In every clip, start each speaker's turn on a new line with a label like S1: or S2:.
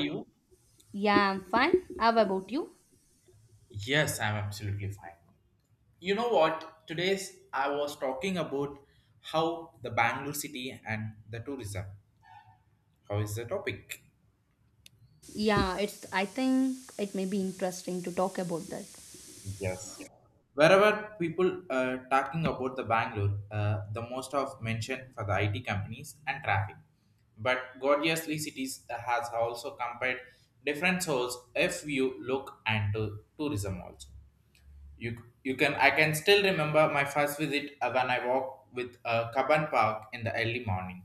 S1: You?
S2: Yeah, I'm fine. How about you?
S1: Yes, I'm absolutely fine. You know what? Today's I was talking about how the Bangalore city and the tourism. How is the topic?
S2: Yeah, it's I think it may be interesting to talk about that.
S1: Yes. Wherever people are talking about the Bangalore, the most of mention for the IT companies and traffic. But gorgeously cities has also compared different souls if you look into tourism also. You you can I can still remember my first visit when I walked with a Kaban Park in the early morning,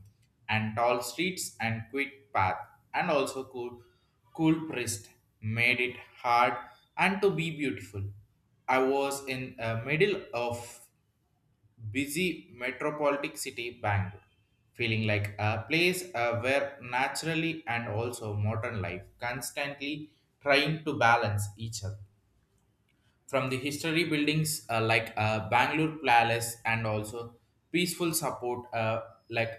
S1: and tall streets and quick path, and also cool priest made it hard and to be beautiful. I was in the middle of busy metropolitan city Bangalore, feeling like a place where naturally and also modern life constantly trying to balance each other from the history buildings like Bangalore Palace and also peaceful support like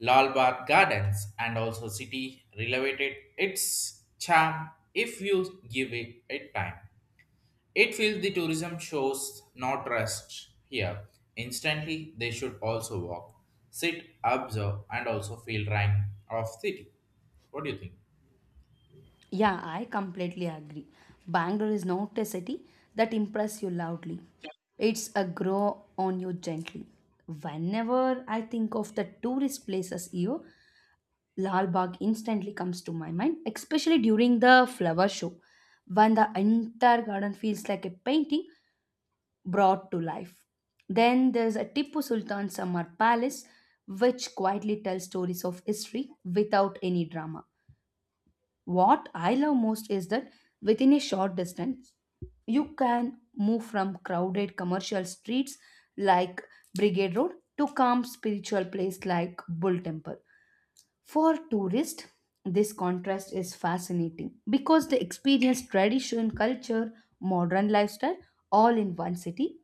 S1: Lal Bagh Gardens and also city relevated its charm if you give it, it time. It feels the tourism shows not rest here. Instantly, they should also walk, sit, observe, and also feel rhyme of city. What do you think?
S2: Yeah, I completely agree. Bangalore is not a city that impress you loudly. It's a grow on you gently. Whenever I think of the tourist places here, Lal Bagh instantly comes to my mind, especially during the flower show. When the entire garden feels like a painting brought to life. Then there's a Tipu Sultan Samar Palace, which quietly tells stories of history without any drama. What I love most is that within a short distance, you can move from crowded commercial streets like Brigade Road to calm spiritual place like Bull Temple. For tourists, this contrast is fascinating because they experience tradition, culture, modern lifestyle all in one city.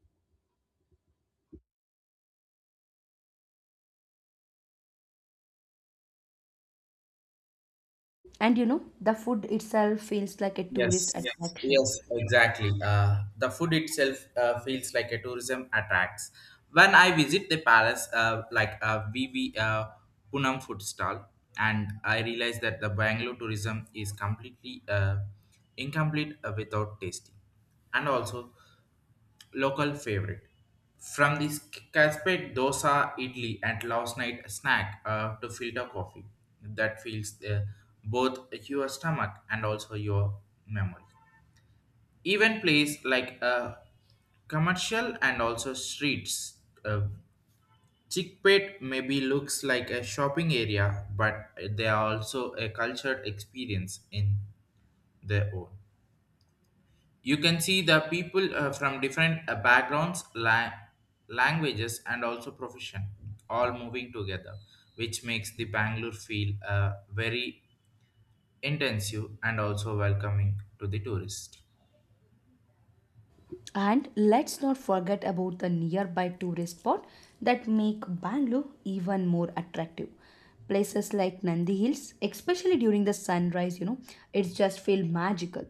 S2: And you know, the food itself feels like a tourist, yes,
S1: Yes,
S2: attraction.
S1: yes, exactly. The food itself feels like a tourism attracts. When I visit the palace, like VV Punam food stall, and I realized that the Bangalore tourism is completely incomplete without tasting. And also, local favorite. From this cascade dosa, idli, and last night snack to filter coffee that fills both your stomach and also your memory. Even place like commercial and also streets. Uh, Chickpet maybe looks like a shopping area, but they are also a cultured experience in their own. You can see the people from different backgrounds, languages, and also profession all moving together, which makes the Bangalore feel very intensive and also welcoming to the tourist.
S2: And let's not forget about the nearby tourist spot that make Bangalore even more attractive. Places like Nandi Hills, especially during the sunrise, you know, it's just feel magical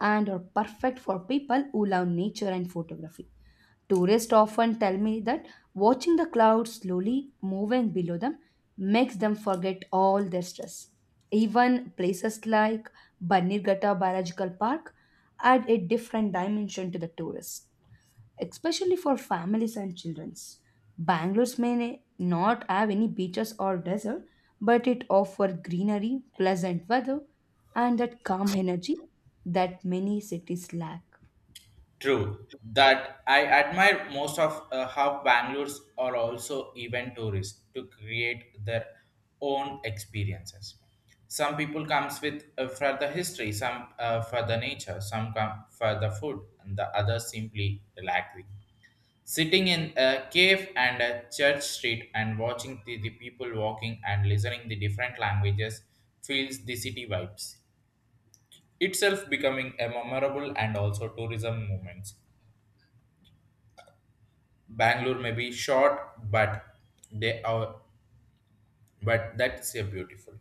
S2: and are perfect for people who love nature and photography. Tourists often tell me that watching the clouds slowly moving below them makes them forget all their stress. Even places like Banirgata Biological Park add a different dimension to the tourists, especially for families and children. Bangalore's may not have any beaches or desert, but it offers greenery, pleasant weather, and that calm energy that many cities lack.
S1: True. That I admire most of how Bangalore's are also event tourists to create their own experiences. Some people comes with for the history, some for the nature, some come for the food, and the others simply relaxing. Sitting in a cave and a church street and watching the people walking and listening the different languages feels the city vibes. Itself becoming a memorable and also tourism moments Bangalore may be short, but they are, but that's a beautiful.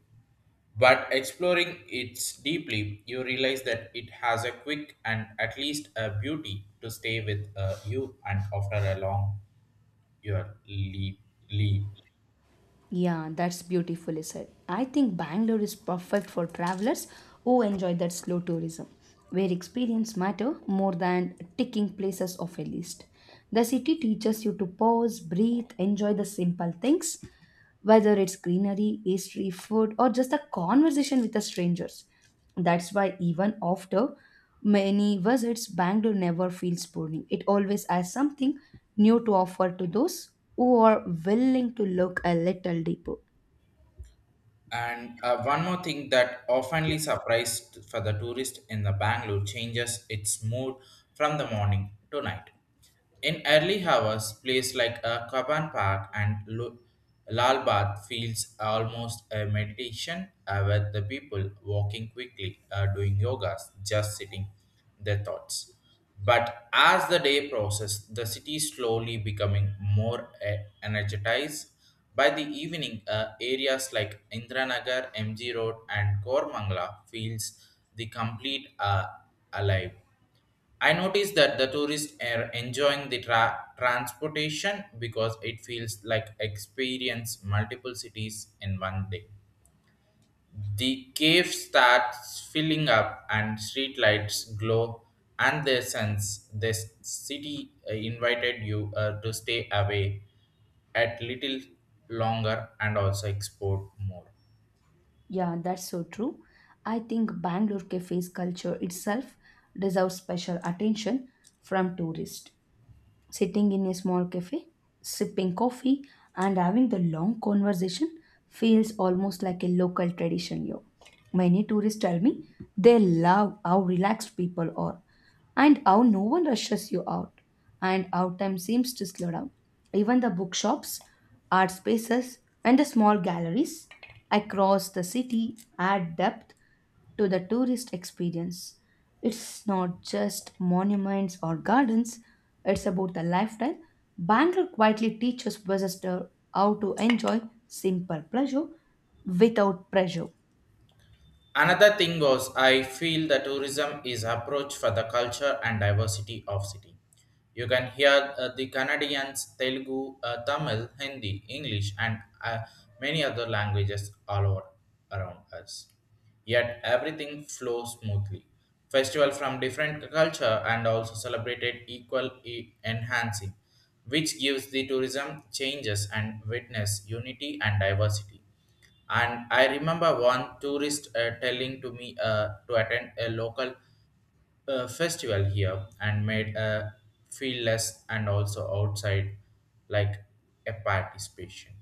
S1: But exploring it deeply, you realize that it has a quick and at least a beauty to stay with you and after a long your leave.
S2: Yeah, that's beautifully said. I think Bangalore is perfect for travelers who enjoy that slow tourism, where experience matter more than ticking places off a list. The city teaches you to pause, breathe, enjoy the simple things, whether it's greenery, history, food, or just a conversation with the strangers. That's why even after many visits, Bangalore never feels boring. It always has something new to offer to those who are willing to look a little deeper.
S1: And one more thing that oftenly surprised for the tourist in the Bangalore changes its mood from the morning to night. In early hours, place like a Kaban Park and Lal Bath feels almost a meditation with the people walking quickly, doing yogas, just sitting their thoughts. But as the day process, the city slowly becoming more energized by the evening, areas like Indranagar, MG Road, and Kormangla feels the complete alive. I noticed that the tourists are enjoying the transportation because it feels like experience multiple cities in one day. The cave starts filling up and streetlights glow and their sense the city invited you to stay away at little longer and also export more.
S2: Yeah, that's so true. I think Bangalore cafes culture itself deserves special attention from tourists. Sitting in a small cafe, sipping coffee, and having the long conversation feels almost like a local tradition here. Many tourists tell me they love how relaxed people are and how no one rushes you out and how time seems to slow down. Even the bookshops, art spaces, and the small galleries across the city add depth to the tourist experience. It's not just monuments or gardens, it's about the lifestyle. Bangalore quietly teaches visitors how to enjoy simple pleasure without pressure.
S1: Another thing was I feel the tourism is approach for the culture and diversity of city. You can hear the Canadians, Telugu, Tamil, Hindi, English, and many other languages all over around us. Yet everything flows smoothly. Festival from different culture and also celebrated enhancing, which gives the tourism changes and witness unity and diversity. And I remember one tourist telling to me to attend a local festival here and made feel less and also outside like a participation.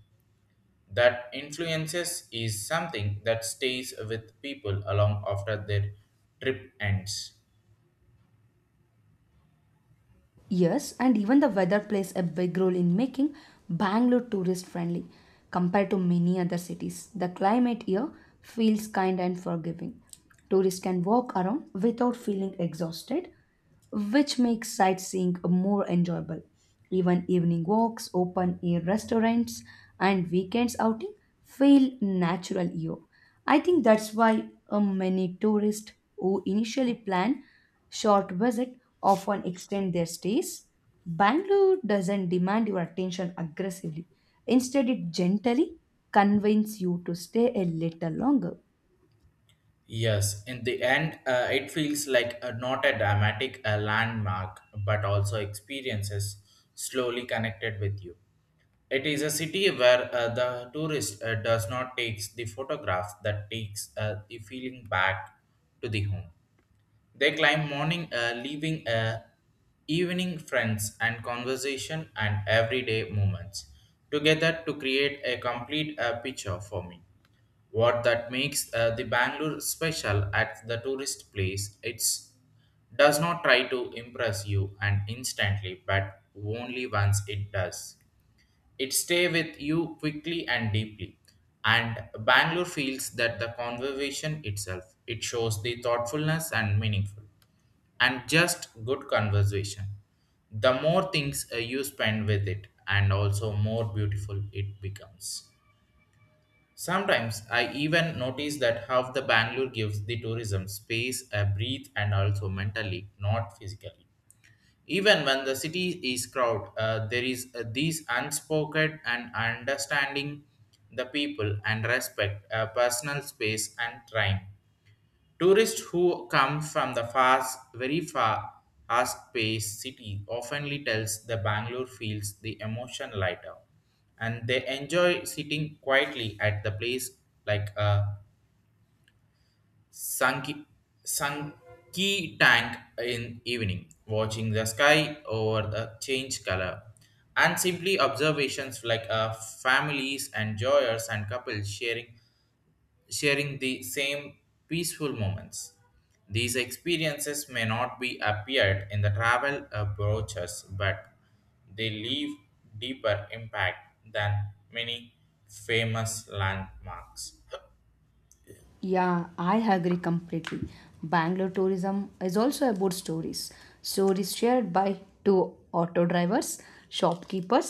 S1: That influences is something that stays with people along after their trip ends.
S2: Yes, and even the weather plays a big role in making Bangalore tourist friendly compared to many other cities. The climate here feels kind and forgiving. Tourists can walk around without feeling exhausted, which makes sightseeing more enjoyable. Even evening walks, open air restaurants, and weekends outing feel natural here. I think that's why many tourists who initially plan short visit often extend their stays. Bangalore doesn't demand your attention aggressively. Instead, it gently convinces you to stay a little longer.
S1: Yes, in the end, it feels like not a dramatic landmark, but also experiences slowly connected with you. It is a city where the tourist does not takes the photograph that takes the feeling back to the home. They climb morning, leaving evening friends and conversation and everyday moments together to create a complete picture for me. What that makes the Bangalore special at the tourist place, it's does not try to impress you and instantly, but only once it does. It stay with you quickly and deeply. And Bangalore feels that the conversation itself. It shows the thoughtfulness and meaningful and just good conversation. The more things you spend with it, and also more beautiful it becomes. Sometimes I even notice that how the Bangalore gives the tourism space a breathe and also mentally, not physically. Even when the city is crowded, there is this unspoken and understanding the people and respect personal space and time. Tourists who come from the fast, very far, fast-paced city oftenly tells the Bangalore feels the emotion lighter, and they enjoy sitting quietly at the place like a Sunky, sunky tank in evening, watching the sky over the change color, and simply observations like families, enjoyers, and couples sharing the same peaceful moments. These experiences may not be appeared in the travel brochures, but they leave deeper impact than many famous landmarks.
S2: Yeah, I agree completely. Bangalore tourism is also about stories. Stories shared by two auto drivers, shopkeepers,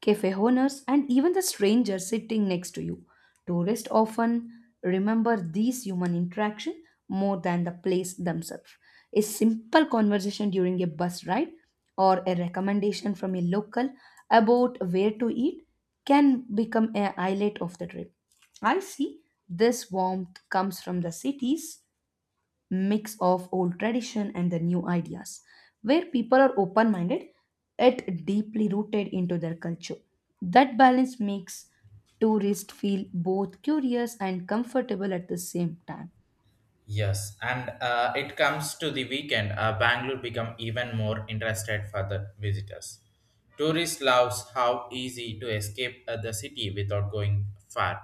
S2: cafe owners, and even the stranger sitting next to you. Tourists often remember these human interaction more than the place themselves. A simple conversation during a bus ride or a recommendation from a local about where to eat can become a highlight of the trip. I see this warmth comes from the cities mix of old tradition and the new ideas, where people are open minded yet deeply rooted into their culture. That balance makes tourists feel both curious and comfortable at the same time.
S1: Yes, and it comes to the weekend. Bangalore become even more interested for the visitors. Tourists loves how easy to escape the city without going far.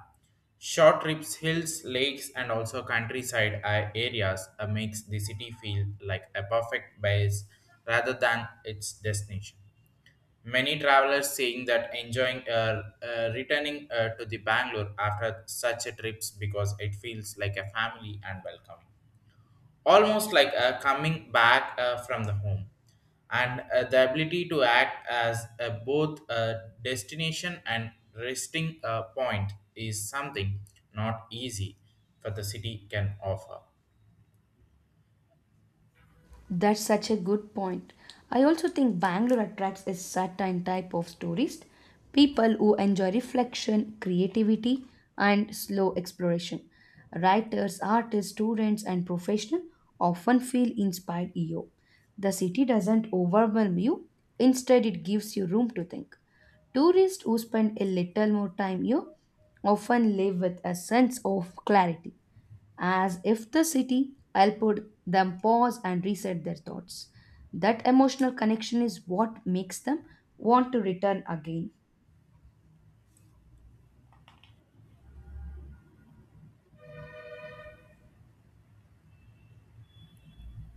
S1: Short trips, hills, lakes, and also countryside areas makes the city feel like a perfect base rather than its destination. Many travelers saying that enjoying returning to the Bangalore after such a trips because it feels like a family and welcoming almost like coming back from the home and the ability to act as both a destination and resting point is something not easy for the city can offer
S2: That's such a good point. I also think Bangalore attracts a certain type of tourist, people who enjoy reflection, creativity, and slow exploration. Writers, artists, students, and professionals often feel inspired here. The city doesn't overwhelm you, instead, it gives you room to think. Tourists who spend a little more time here often live with a sense of clarity as if the city helped them pause and reset their thoughts. That emotional connection is what makes them want to return again.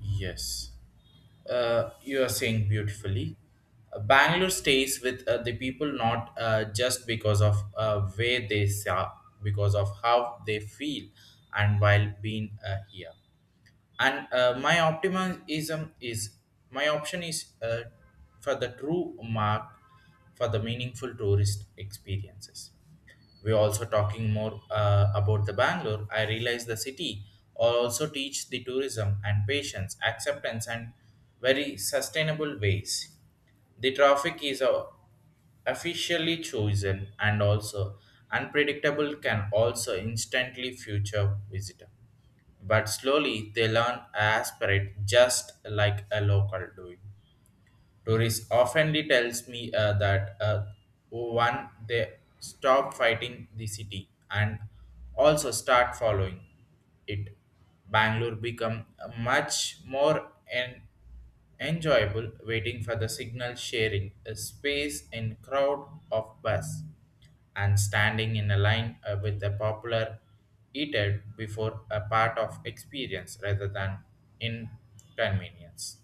S1: yes you are saying beautifully. Bangalore stays with the people not just because of where they are, because of how they feel and while being here. And my optimism is my option is for the true mark for the meaningful tourist experiences we also talking more about the Bangalore. I realize the city also teach the tourism and patience, acceptance, and very sustainable ways. The traffic is officially chosen and also unpredictable can also instantly future visitor. But slowly they learn aspirate just like a local doing. Doris oftenly tells me that one they stop fighting the city and also start following it. Bangalore become much more enjoyable waiting for the signal sharing a space in crowd of bus and standing in a line with a popular eater before a part of experience rather than inconvenience.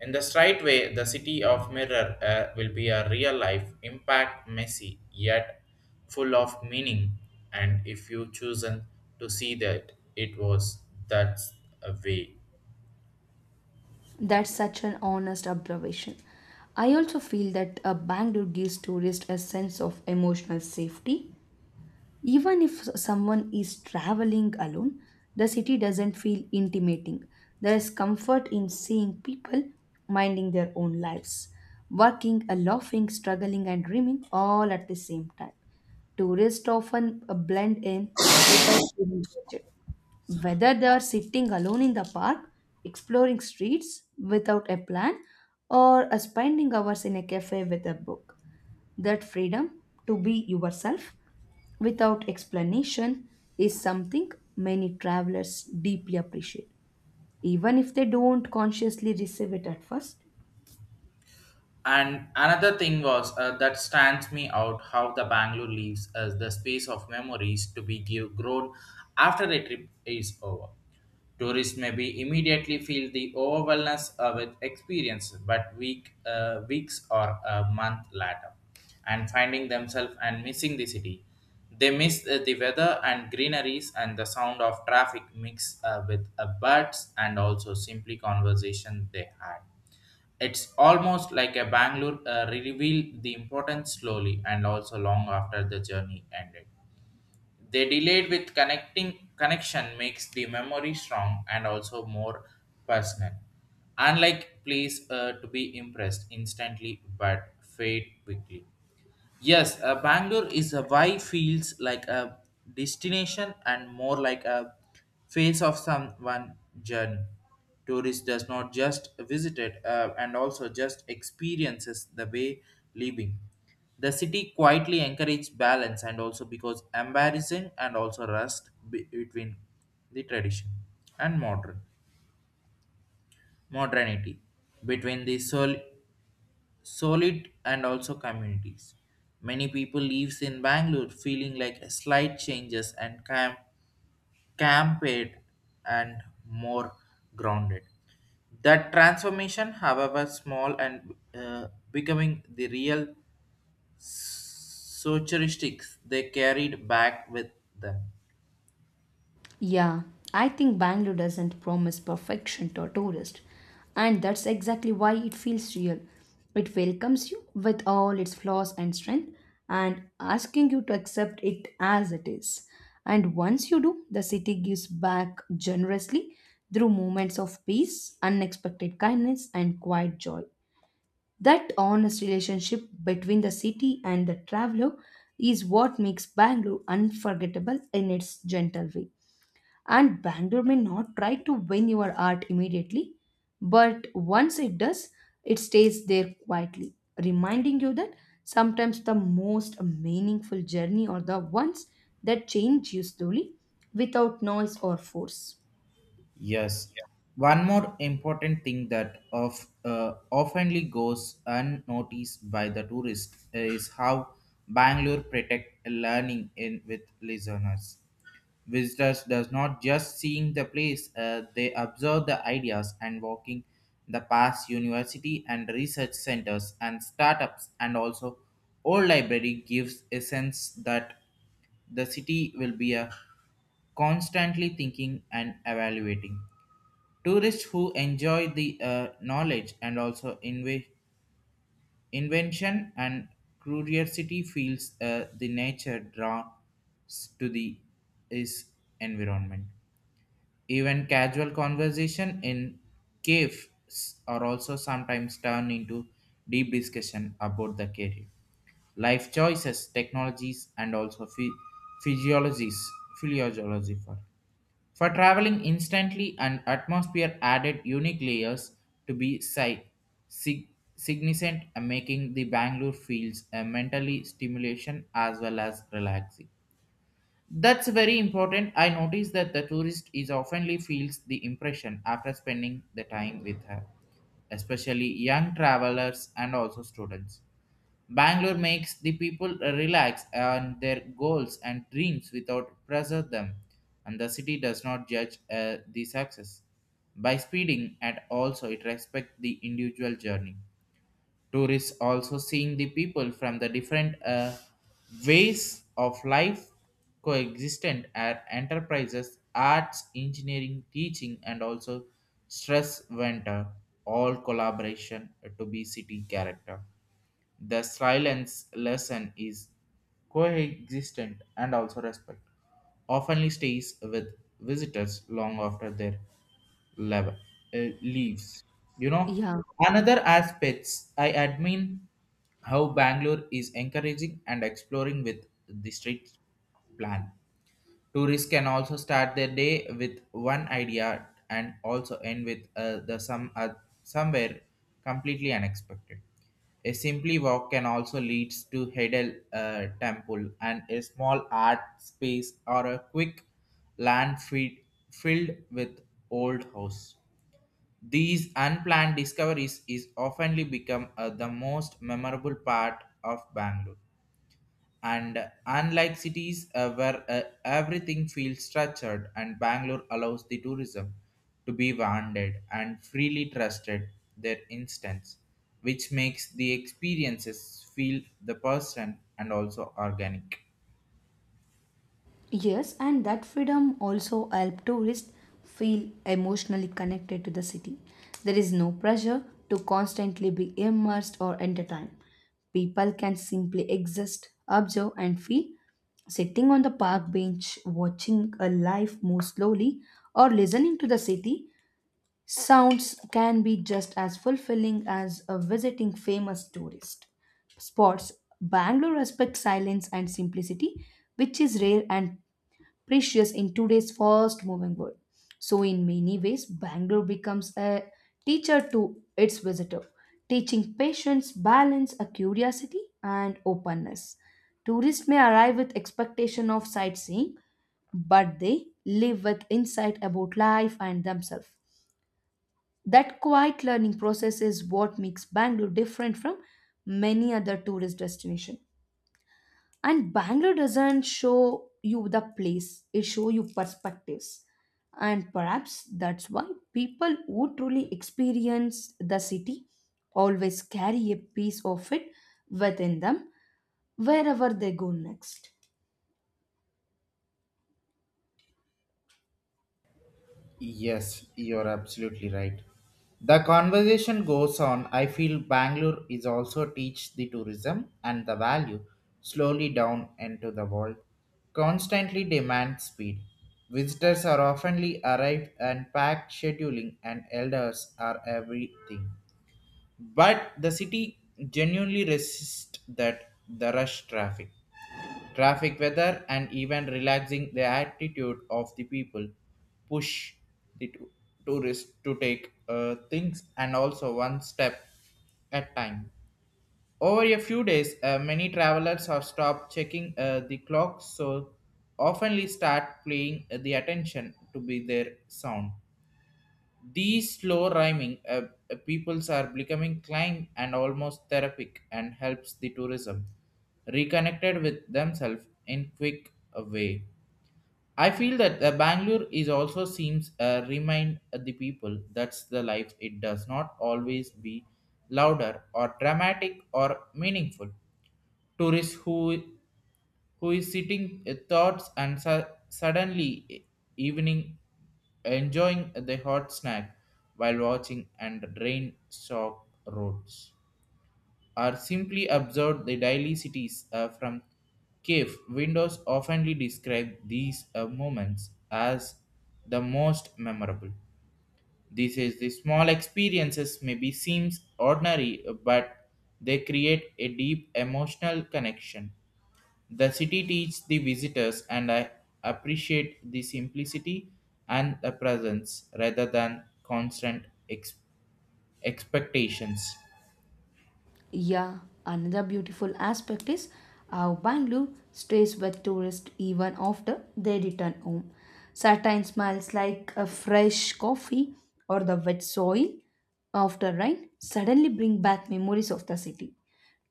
S1: In the straight way, the city of mirror will be a real life impact, messy yet full of meaning. And if you chosen to see that, it was that a way.
S2: That's such an honest observation. I also feel that a Bangalore gives tourists a sense of emotional safety. Even if someone is traveling alone, the city doesn't feel intimidating. There is comfort in seeing people minding their own lives, working, laughing, struggling, and dreaming all at the same time. Tourists often blend in without feeling judged. Whether they are sitting alone in the park, exploring streets without a plan, or spending hours in a cafe with a book, that freedom to be yourself without explanation is something many travelers deeply appreciate, even if they don't consciously receive it at first.
S1: And another thing was that stands me out how the Bangalore leaves as the space of memories to be give grown after a trip is over. Tourists may be immediately feel the overwhelmness with experience, but weeks or a month later, and finding themselves and missing the city. They miss the weather and greeneries and the sound of traffic mixed with birds and also simply conversation they had it's almost like a Bangalore revealed the importance slowly and also long after the journey ended. They delayed with connecting connection makes the memory strong and also more personal. Unlike please to be impressed instantly but fade quickly. Yes, Bangalore is a why feels like a destination and more like a face of someone journey. Tourist does not just visit it and also just experiences the way living. The city quietly encourages balance and also because embarrassing and also between the tradition and modernity between the soul solid and also communities. Many people lives in Bangalore feeling like a slight changes and camped and more grounded. That transformation, however small and becoming the real socialistics they carried back with them.
S2: Yeah, I think Bangalore doesn't promise perfection to a tourist, and that's exactly why it feels real. It welcomes you with all its flaws and strength and asking you to accept it as it is. And once you do, the city gives back generously through moments of peace, unexpected kindness, and quiet joy. That honest relationship between the city and the traveler is what makes Bangalore unforgettable in its gentle way. And Bangalore may not try to win your heart immediately, but once it does, it stays there quietly, reminding you that sometimes the most meaningful journey are the ones that change you slowly without noise or force.
S1: Yes. One more important thing that of oftenly goes unnoticed by the tourist is how Bangalore protect learning in with listeners. Visitors does not just seeing the place; they observe the ideas and walking the past university and research centers and startups and also old library gives a sense that the city will be a constantly thinking and evaluating. Tourists who enjoy the knowledge and also invention and curiosity feels the nature draws to the is environment. Even casual conversation in caves are also sometimes turned into deep discussion about the career life choices, technologies, and also physiologies, physiology for. For traveling instantly, an atmosphere added unique layers to be sig- significant, making the Bangalore feels a mentally stimulation as well as relaxing. That's very important. I noticed that the tourist is oftenly feels the impression after spending the time with her, especially young travelers and also students. Bangalore makes the people relax on their goals and dreams without pressure them, and the city does not judge the success by speeding, and also it respects the individual journey. Tourists also seeing the people from the different ways of life coexistent at enterprises, arts, engineering, teaching, and also stress venture, all collaboration to be city character. The silence lesson is coexistent and also respect. Often stays with visitors long after their level, leaves. You know,
S2: Yeah.
S1: another aspects I admire how Bangalore is encouraging and exploring with the street plan. Tourists can also start their day with one idea and also end with the some somewhere completely unexpected. A simply walk can also lead to Hedel Temple and a small art space or a quick land feed filled with old house. These unplanned discoveries is oftenly become the most memorable part of Bangalore, and unlike cities where everything feels structured, and bangalore allows the tourism to be wandered and freely trusted their instance, which makes the experiences feel the person and also organic.
S2: Yes, and that freedom also helps tourists feel emotionally connected to the city. There is no pressure to constantly be immersed or entertained. People can simply exist, observe, and feel. Sitting on the park bench, watching a life move slowly, or listening to the city sounds can be just as fulfilling as a visiting famous tourist spots. Bangalore respects silence and simplicity, which is rare and precious in today's fast moving world. So, in many ways, Bangalore becomes a teacher to its visitor, teaching patience, balance, a curiosity, and openness. Tourists may arrive with expectation of sightseeing, but they live with insight about life and themselves. That quiet learning process is what makes Bangalore different from many other tourist destinations, and Bangalore doesn't show you the place, it show you perspectives, and perhaps that's why people who truly experience the city always carry a piece of it within them wherever they go next.
S1: Yes, you're absolutely right. The conversation goes on. I feel Bangalore is also teach the tourism and the value slowly down into the world. Constantly demand speed. Visitors are oftenly arrived and packed scheduling and elders are everything. But the city genuinely resists that the rush traffic weather and even relaxing the attitude of the people push the tou- tourists to take things and also one step at time. Over a few days, many travelers are stopped checking the clock, so oftenly start paying the attention to be their sound. These slow rhyming peoples are becoming clang and almost therapeutic and helps the tourism reconnected with themselves in quick way. I feel that Bangalore is also seems remind the people that's the life. It does not always be louder or dramatic or meaningful. Tourists who is sitting thoughts and suddenly evening enjoying the hot snack while watching and drain shock roads, or simply observe the daily cities from cave windows oftenly describe these moments as the most memorable. This is the small experiences maybe seems ordinary, but they create a deep emotional connection the city teaches the visitors, and I appreciate the simplicity and the presence rather than constant expectations.
S2: Yeah, another beautiful aspect is how Bangalore stays with tourists even after they return home. Certain smells like a fresh coffee or the wet soil after rain suddenly bring back memories of the city.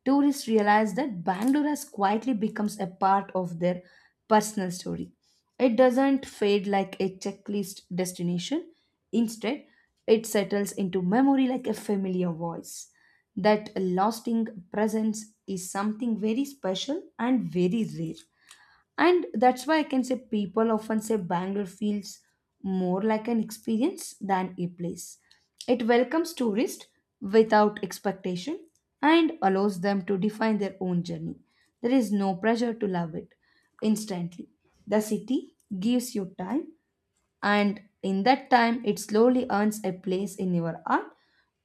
S2: Tourists realize that Bangalore has quietly becomes a part of their personal story. It doesn't fade like a checklist destination. Instead, it settles into memory like a familiar voice. That lasting presence is something very special and very rare. And that's why I can say people often say Bangalore feels more like an experience than a place. It welcomes tourists without expectation and allows them to define their own journey. There is no pressure to love it instantly. The city gives you time, and in that time, it slowly earns a place in your heart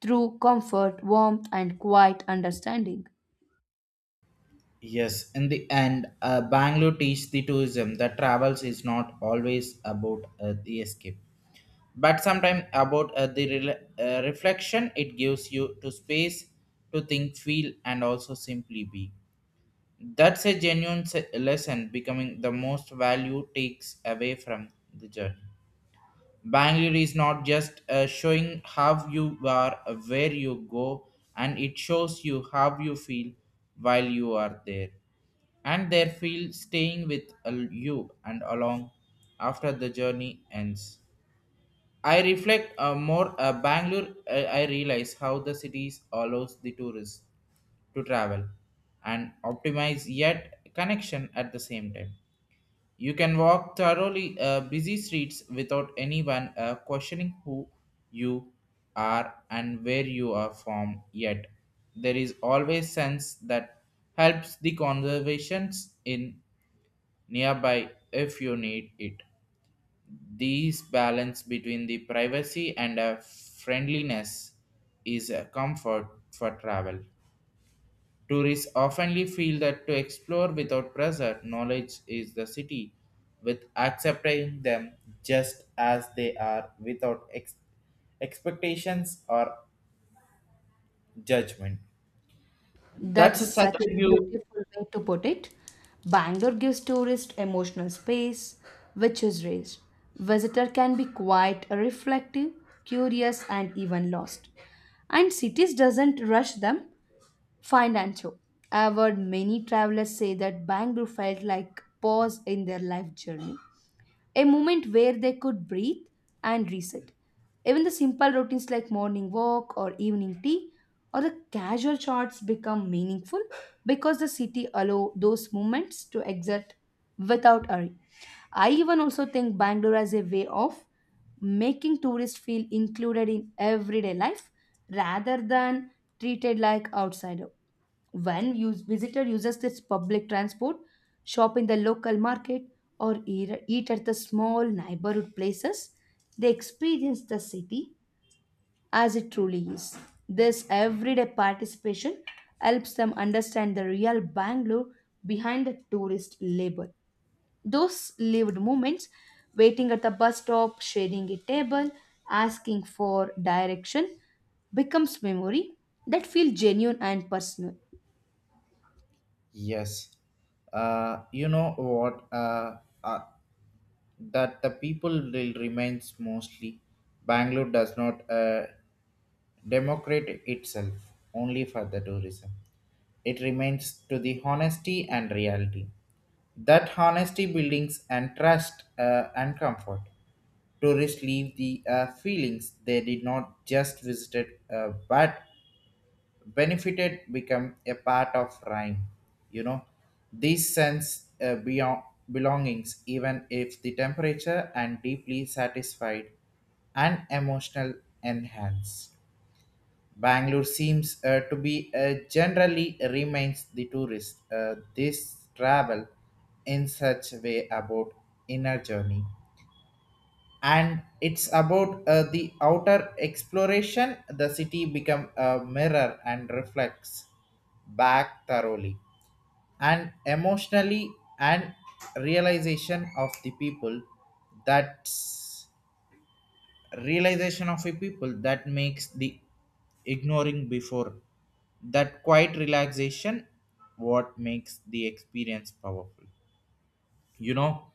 S2: through comfort, warmth, and quiet understanding.
S1: Yes, in the end, Bangalore teaches the tourism that travels is not always about the escape, but sometimes about reflection. It gives you to space to think, feel, and also simply be. That's a genuine lesson becoming the most value takes away from the journey. Bangalore is not just showing how you are, where you go, and it shows you how you feel while you are there. And their feel staying with you and along after the journey ends. I reflect more Bangalore. I realize how the cities allows the tourists to travel and optimize yet connection at the same time. You can walk thoroughly busy streets without anyone questioning who you are and where you are from. Yet there is always sense that helps the conservations in nearby if you need it. This balance between the privacy and friendliness is a comfort for travel. Tourists often feel that to explore without pressure, knowledge is the city, with accepting them just as they are without expectations or judgment.
S2: That's
S1: That's a such
S2: such
S1: a
S2: a
S1: beautiful.
S2: beautiful way to put it. Bangalore gives tourists emotional space, which is rare. Visitor can be quite reflective, curious, and even lost. And cities doesn't rush them. Financial. I've heard many travelers say that Bangalore felt like pause in their life journey, a moment where they could breathe and reset. Even the simple routines like morning walk or evening tea or the casual chats become meaningful because the city allow those moments to exist without hurry. I even also think Bangalore as a way of making tourists feel included in everyday life rather than treated like outsider. When use, visitor uses this public transport, shop in the local market, or eat at the small neighborhood places, they experience the city as it truly is. This everyday participation helps them understand the real Bangalore behind the tourist label. Those lived moments, waiting at the bus stop, sharing a table, asking for direction, becomes memory that feel genuine and personal.
S1: Yes. You know what? Uh, that the people will remains mostly. Bangalore does not democrate itself only for the tourism. It remains to the honesty and reality. That honesty buildings and trust and comfort. Tourists leave the feelings they did not just visited but benefited become a part of rhyme. You know, this sense beyond belongings even if the temperature and deeply satisfied and emotional enhanced. Bangalore seems to be generally remains the tourist. This travel in such way about inner journey, and it's about the outer exploration. The city become a mirror and reflects back thoroughly, and emotionally and realization of the people. That's realization of a people that makes the ignoring before that quiet relaxation what makes the experience powerful. You know,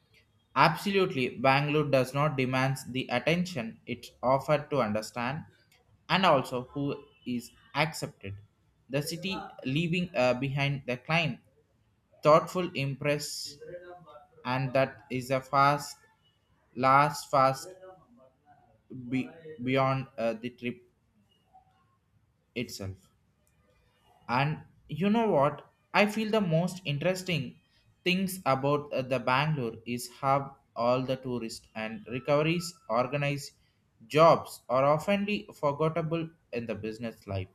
S1: absolutely bangalore does not demand the attention, it's offered to understand and also who is accepted. The city leaving behind the climb thoughtful impress, and that is a fast last fast be, beyond the trip itself. And you know what? I feel the most interesting things about the Bangalore is how all the tourists and recoveries organized jobs are oftenly forgettable in the business life.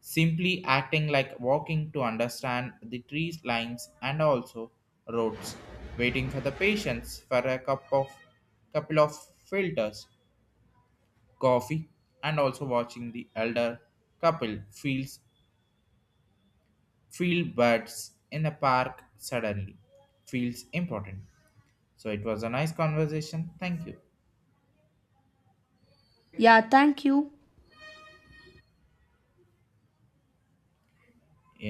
S1: Simply acting like walking to understand the trees lines and also roads, waiting for the patients for a cup of couple of filters coffee, and also watching the elder couple feels field birds in the park suddenly feels important. So it was a nice conversation. Thank you.
S2: Yeah, thank you.
S1: Yeah.